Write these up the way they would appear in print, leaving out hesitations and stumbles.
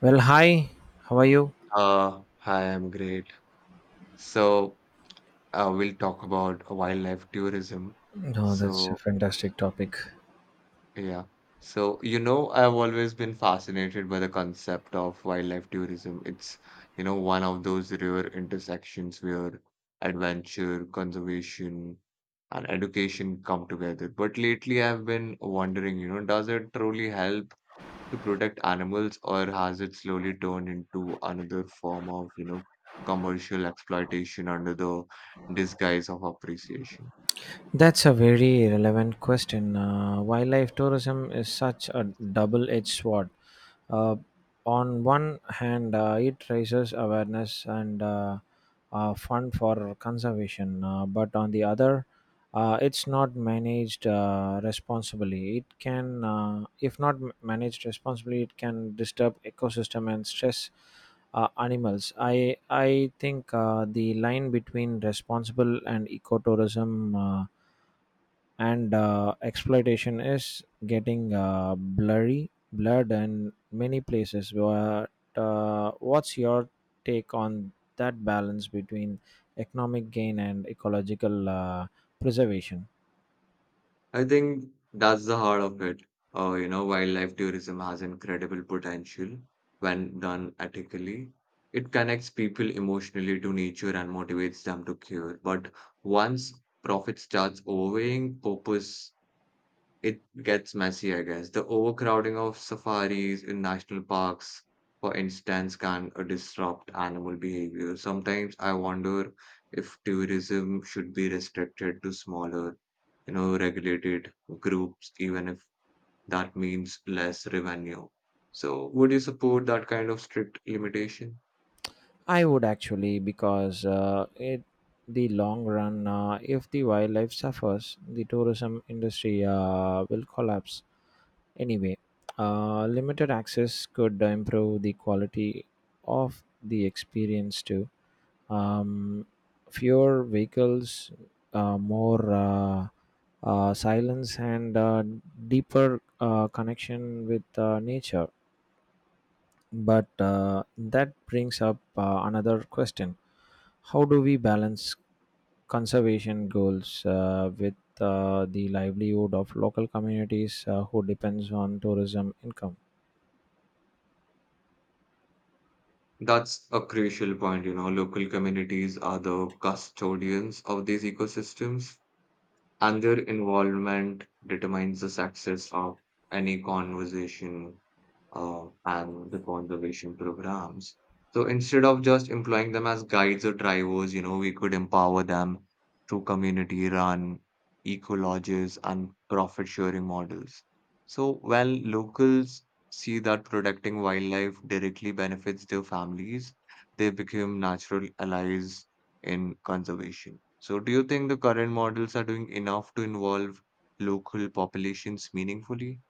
Well, hi, how are you? Uh, I'm great. So, we'll talk about wildlife tourism. No, that's a So, fantastic topic. yeah. I've always been fascinated by the concept of wildlife tourism. It's one of those rare intersections where adventure, conservation, and education come together. But lately, I've been wondering, does it truly help to protect animals, or has it slowly turned into another form of, commercial exploitation under the disguise of appreciation? That's a very relevant question. Wildlife tourism is such a double edged sword. Uh, on one hand, it raises awareness and fund for conservation, but on the other, it's not managed responsibly. It can, if not managed responsibly, it can disturb ecosystem and stress animals. I think the line between responsible and ecotourism and exploitation is getting blurred in many places. But what's your take on that balance between economic gain and ecological preservation? I think that's the heart of it. Wildlife tourism has incredible potential when done ethically. It connects people emotionally to nature and motivates them to care. But once profit starts overweighing purpose, it gets messy, I guess. The overcrowding of safaris in national parks, for instance, can disrupt animal behavior. Sometimes I wonder if tourism should be restricted to smaller, regulated groups, even if that means less revenue. So, would you support that kind of strict limitation? I would actually because it the long run, if the wildlife suffers, the tourism industry will collapse anyway. Limited access could improve the quality of the experience too. Um, Fewer vehicles, more silence, and deeper connection with nature. But that brings up another question. How do we balance conservation goals with the livelihood of local communities who depends on tourism income? That's a crucial point, you know. Local communities are the custodians of these ecosystems, and their involvement determines the success of any conversation and the conservation programs. So instead of just employing them as guides or drivers, we could empower them through community run, eco lodges, and profit sharing models. So when locals see that protecting wildlife directly benefits their families, they become natural allies in conservation. So, do you think the current models are doing enough to involve local populations meaningfully?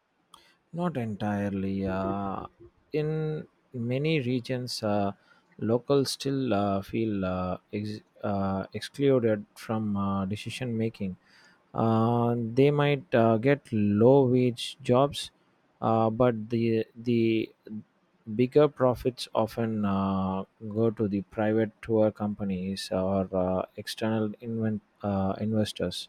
Not entirely. In many regions, locals still feel excluded from decision making. They might get low wage jobs, but the bigger profits often go to the private tour companies or uh, external investors.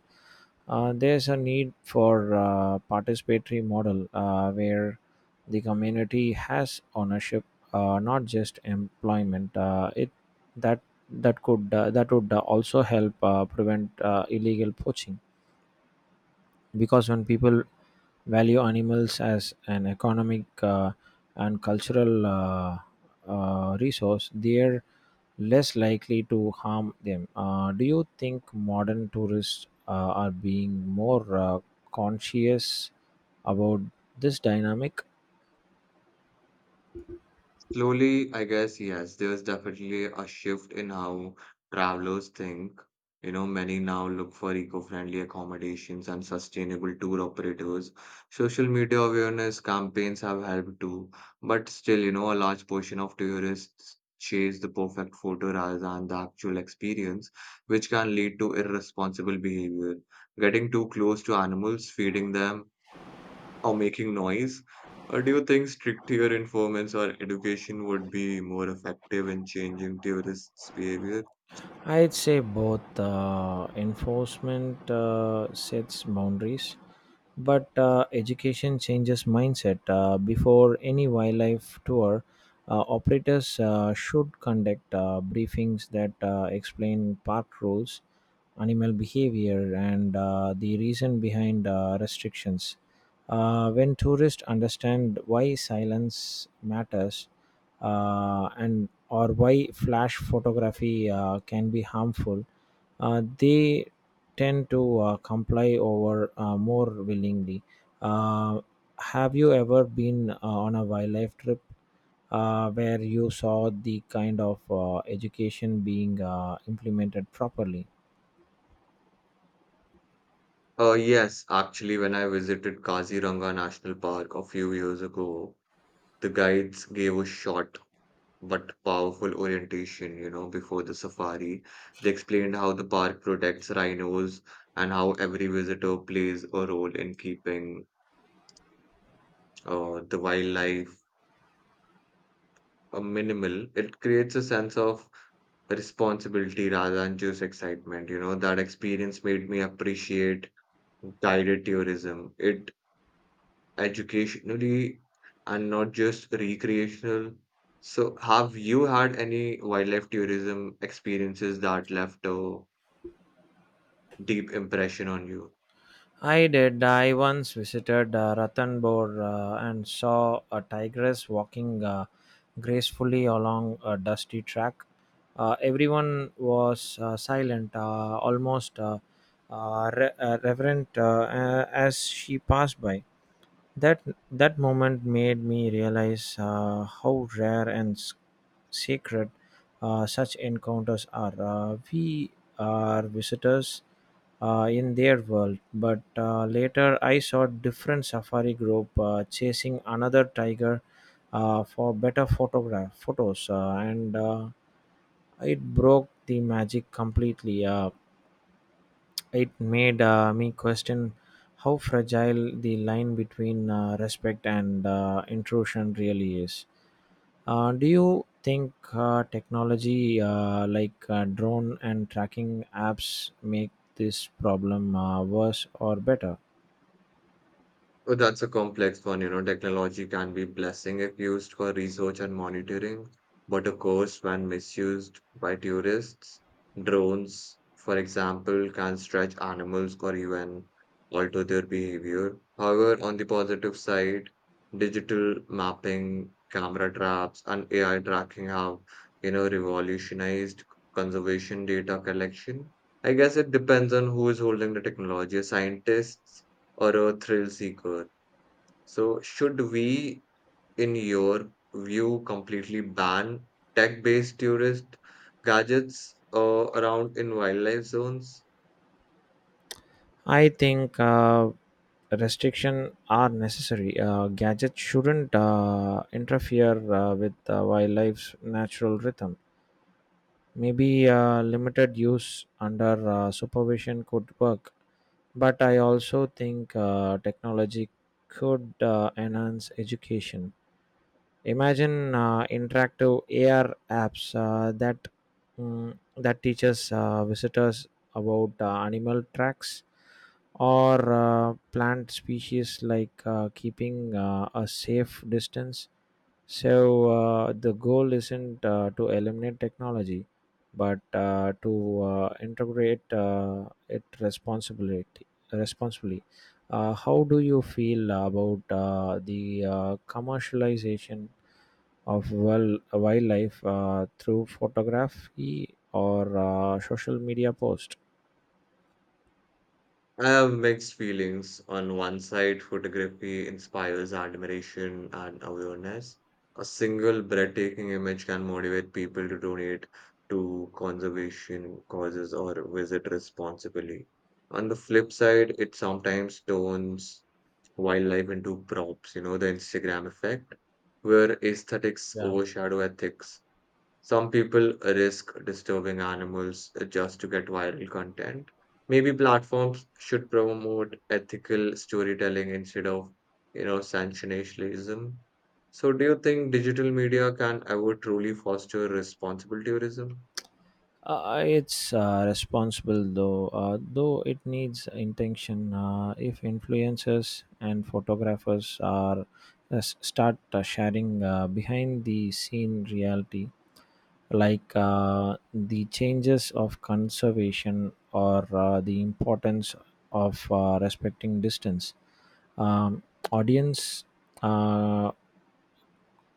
There's a need for a participatory model where the community has ownership, not just employment. It that that could that would also help prevent illegal poaching because when people value animals as an economic and cultural resource, they're less likely to harm them. Do you think modern tourists are being more conscious about this dynamic? Slowly, I guess, yes, there's definitely a shift in how travelers think. You know, many now look for eco-friendly accommodations and sustainable tour operators. Social media awareness campaigns have helped too, but still, a large portion of tourists chase the perfect photo rather than the actual experience, which can lead to irresponsible behavior. Getting too close to animals, feeding them, or making noise? Or do you think stricter informants or education would be more effective in changing tourists' behavior? I'd say both enforcement sets boundaries, but education changes mindset. Before any wildlife tour, operators should conduct briefings that explain park rules, animal behavior, and the reason behind restrictions. When tourists understand why silence matters and or why flash photography can be harmful, they tend to comply over more willingly. Uh, have you ever been on a wildlife trip where you saw the kind of education being implemented properly? Yes, actually, when I visited Kaziranga National Park a few years ago, the guides gave a short but powerful orientation, before the safari. They explained how the park protects rhinos and how every visitor plays a role in keeping the wildlife minimal. It creates a sense of responsibility rather than just excitement. You know, that experience made me appreciate guided tourism. It educationally and not just recreational. So, have you had any wildlife tourism experiences that left a deep impression on you? I did. I once visited Ranthambore and saw a tigress walking gracefully along a dusty track. Everyone was silent, almost reverent as she passed by. That that moment made me realize how rare and sacred such encounters are. We are visitors in their world, but later I saw different safari group chasing another tiger for better photograph photos, and it broke the magic completely. It made me question how fragile the line between respect and intrusion really is. Do you think technology like drone and tracking apps make this problem worse or better? Oh, that's a complex one. You know, technology can be blessing if used for research and monitoring, but of course, when misused by tourists, drones, for example, can stretch animals or even alter their behavior. However, on the positive side, digital mapping, camera traps, and AI tracking have, revolutionized conservation data collection. I guess it depends on who is holding the technology, scientists or a thrill seeker. So, should we, in your view, completely ban tech-based tourist gadgets around in wildlife zones? I think restriction are necessary. Gadgets shouldn't interfere with wildlife's natural rhythm. Maybe limited use under supervision could work, but I also think technology could enhance education. Imagine interactive AR apps that teaches visitors about animal tracks or plant species like keeping a safe distance so the goal isn't to eliminate technology, but to integrate it responsibility responsibly. How do you feel about the commercialization of wildlife through photography or social media post? I have mixed feelings. On one side, photography inspires admiration and awareness. A single breathtaking image can motivate people to donate to conservation causes or visit responsibly. On the flip side, it sometimes turns wildlife into crops, the Instagram effect, where aesthetics Yeah. overshadow ethics. Some people risk disturbing animals just to get viral content. Maybe platforms should promote ethical storytelling instead of, sensationalism. So, do you think digital media can ever truly foster responsible tourism? It's responsible though it needs intention. If influencers and photographers are start sharing behind the scene reality, like the changes of conservation or the importance of respecting distance, um, audience. Uh,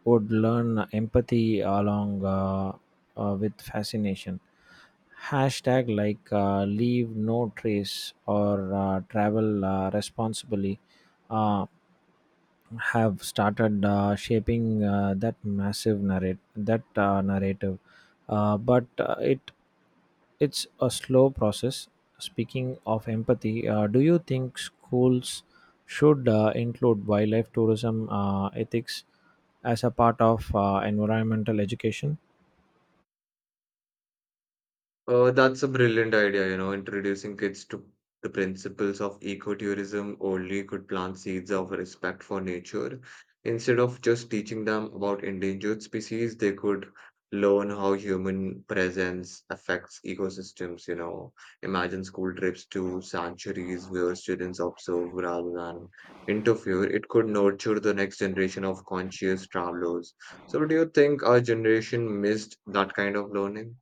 would learn empathy along with fascination. Hashtag like leave no trace or travel responsibly. Uh, have started shaping that massive narrate that narrative but it's a slow process speaking of empathy. Do you think schools should include wildlife tourism ethics as a part of environmental education That's a brilliant idea, introducing kids to the principles of ecotourism only could plant seeds of respect for nature. Instead of just teaching them about endangered species, they could learn how human presence affects ecosystems, Imagine school trips to sanctuaries where students observe rather than interfere. It could nurture the next generation of conscious travelers. So, do you think our generation missed that kind of learning?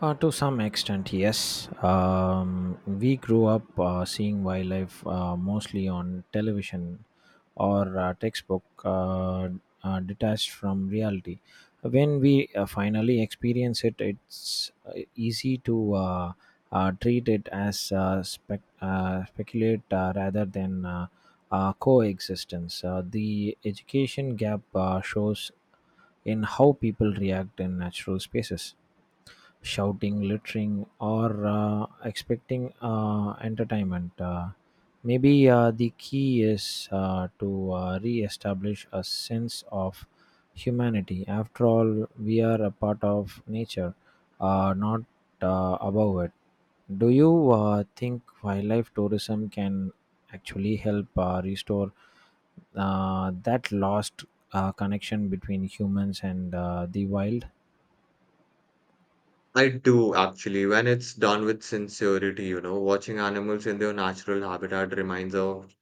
to some extent, yes. We grew up seeing wildlife mostly on television or textbook detached from reality. When we finally experience it, it's easy to treat it as speculate rather than coexistence. The education gap shows in how people react in natural spaces: shouting, littering, or expecting entertainment. Maybe the key is to re establish a sense of humanity. After all, we are a part of nature, not above it. Do you think wildlife tourism can actually help restore that lost connection between humans and the wild? I do actually, when it's done with sincerity, watching animals in their natural habitat reminds of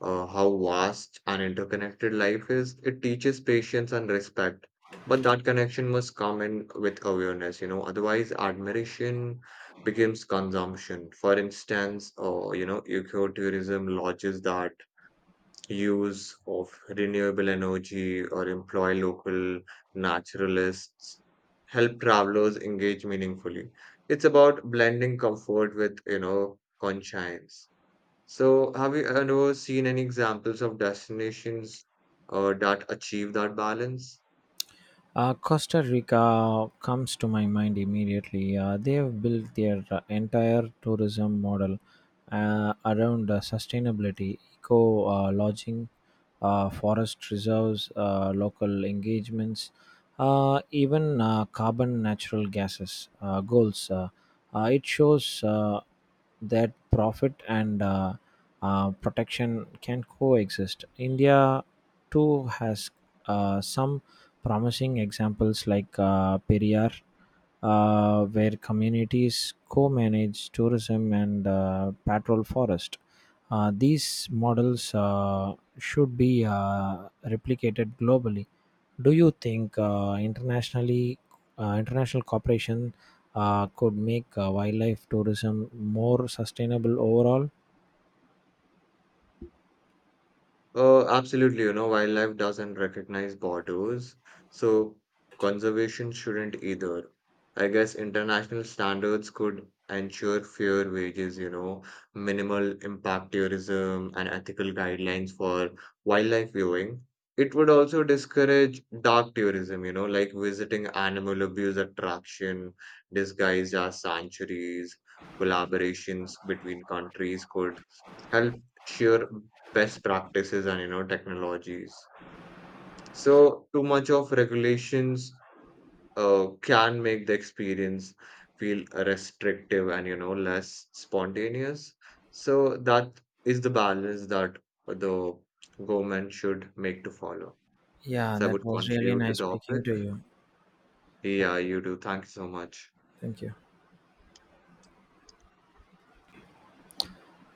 how vast and interconnected life is. It teaches patience and respect, but that connection must come in with awareness, otherwise admiration becomes consumption. For instance, ecotourism lodges that use of renewable energy or employ local naturalists help travelers engage meaningfully. It's about blending comfort with, conscience. So, have you ever seen any examples of destinations that achieve that balance? Costa Rica comes to my mind immediately. They have built their entire tourism model around sustainability, eco lodging, forest reserves, local engagements, even carbon natural gases goals. It shows that profit and protection can coexist. India too has some promising examples like Periyar, where communities co-manage tourism and patrol forest. These models should be replicated globally. Do you think international cooperation could make wildlife tourism more sustainable overall? Absolutely, wildlife doesn't recognize borders, so conservation shouldn't either. I guess international standards could ensure fair wages, minimal impact tourism, and ethical guidelines for wildlife viewing. It would also discourage dark tourism, like visiting animal abuse attraction disguised as sanctuaries. Collaborations between countries could help share best practices and technologies. So too much of regulations can make the experience feel restrictive and less spontaneous, so that is the balance that the government should make to follow. Yeah, So I that would was really conclude the nice speaking topic. to you. Yeah, you do, thank you so much. Thank you.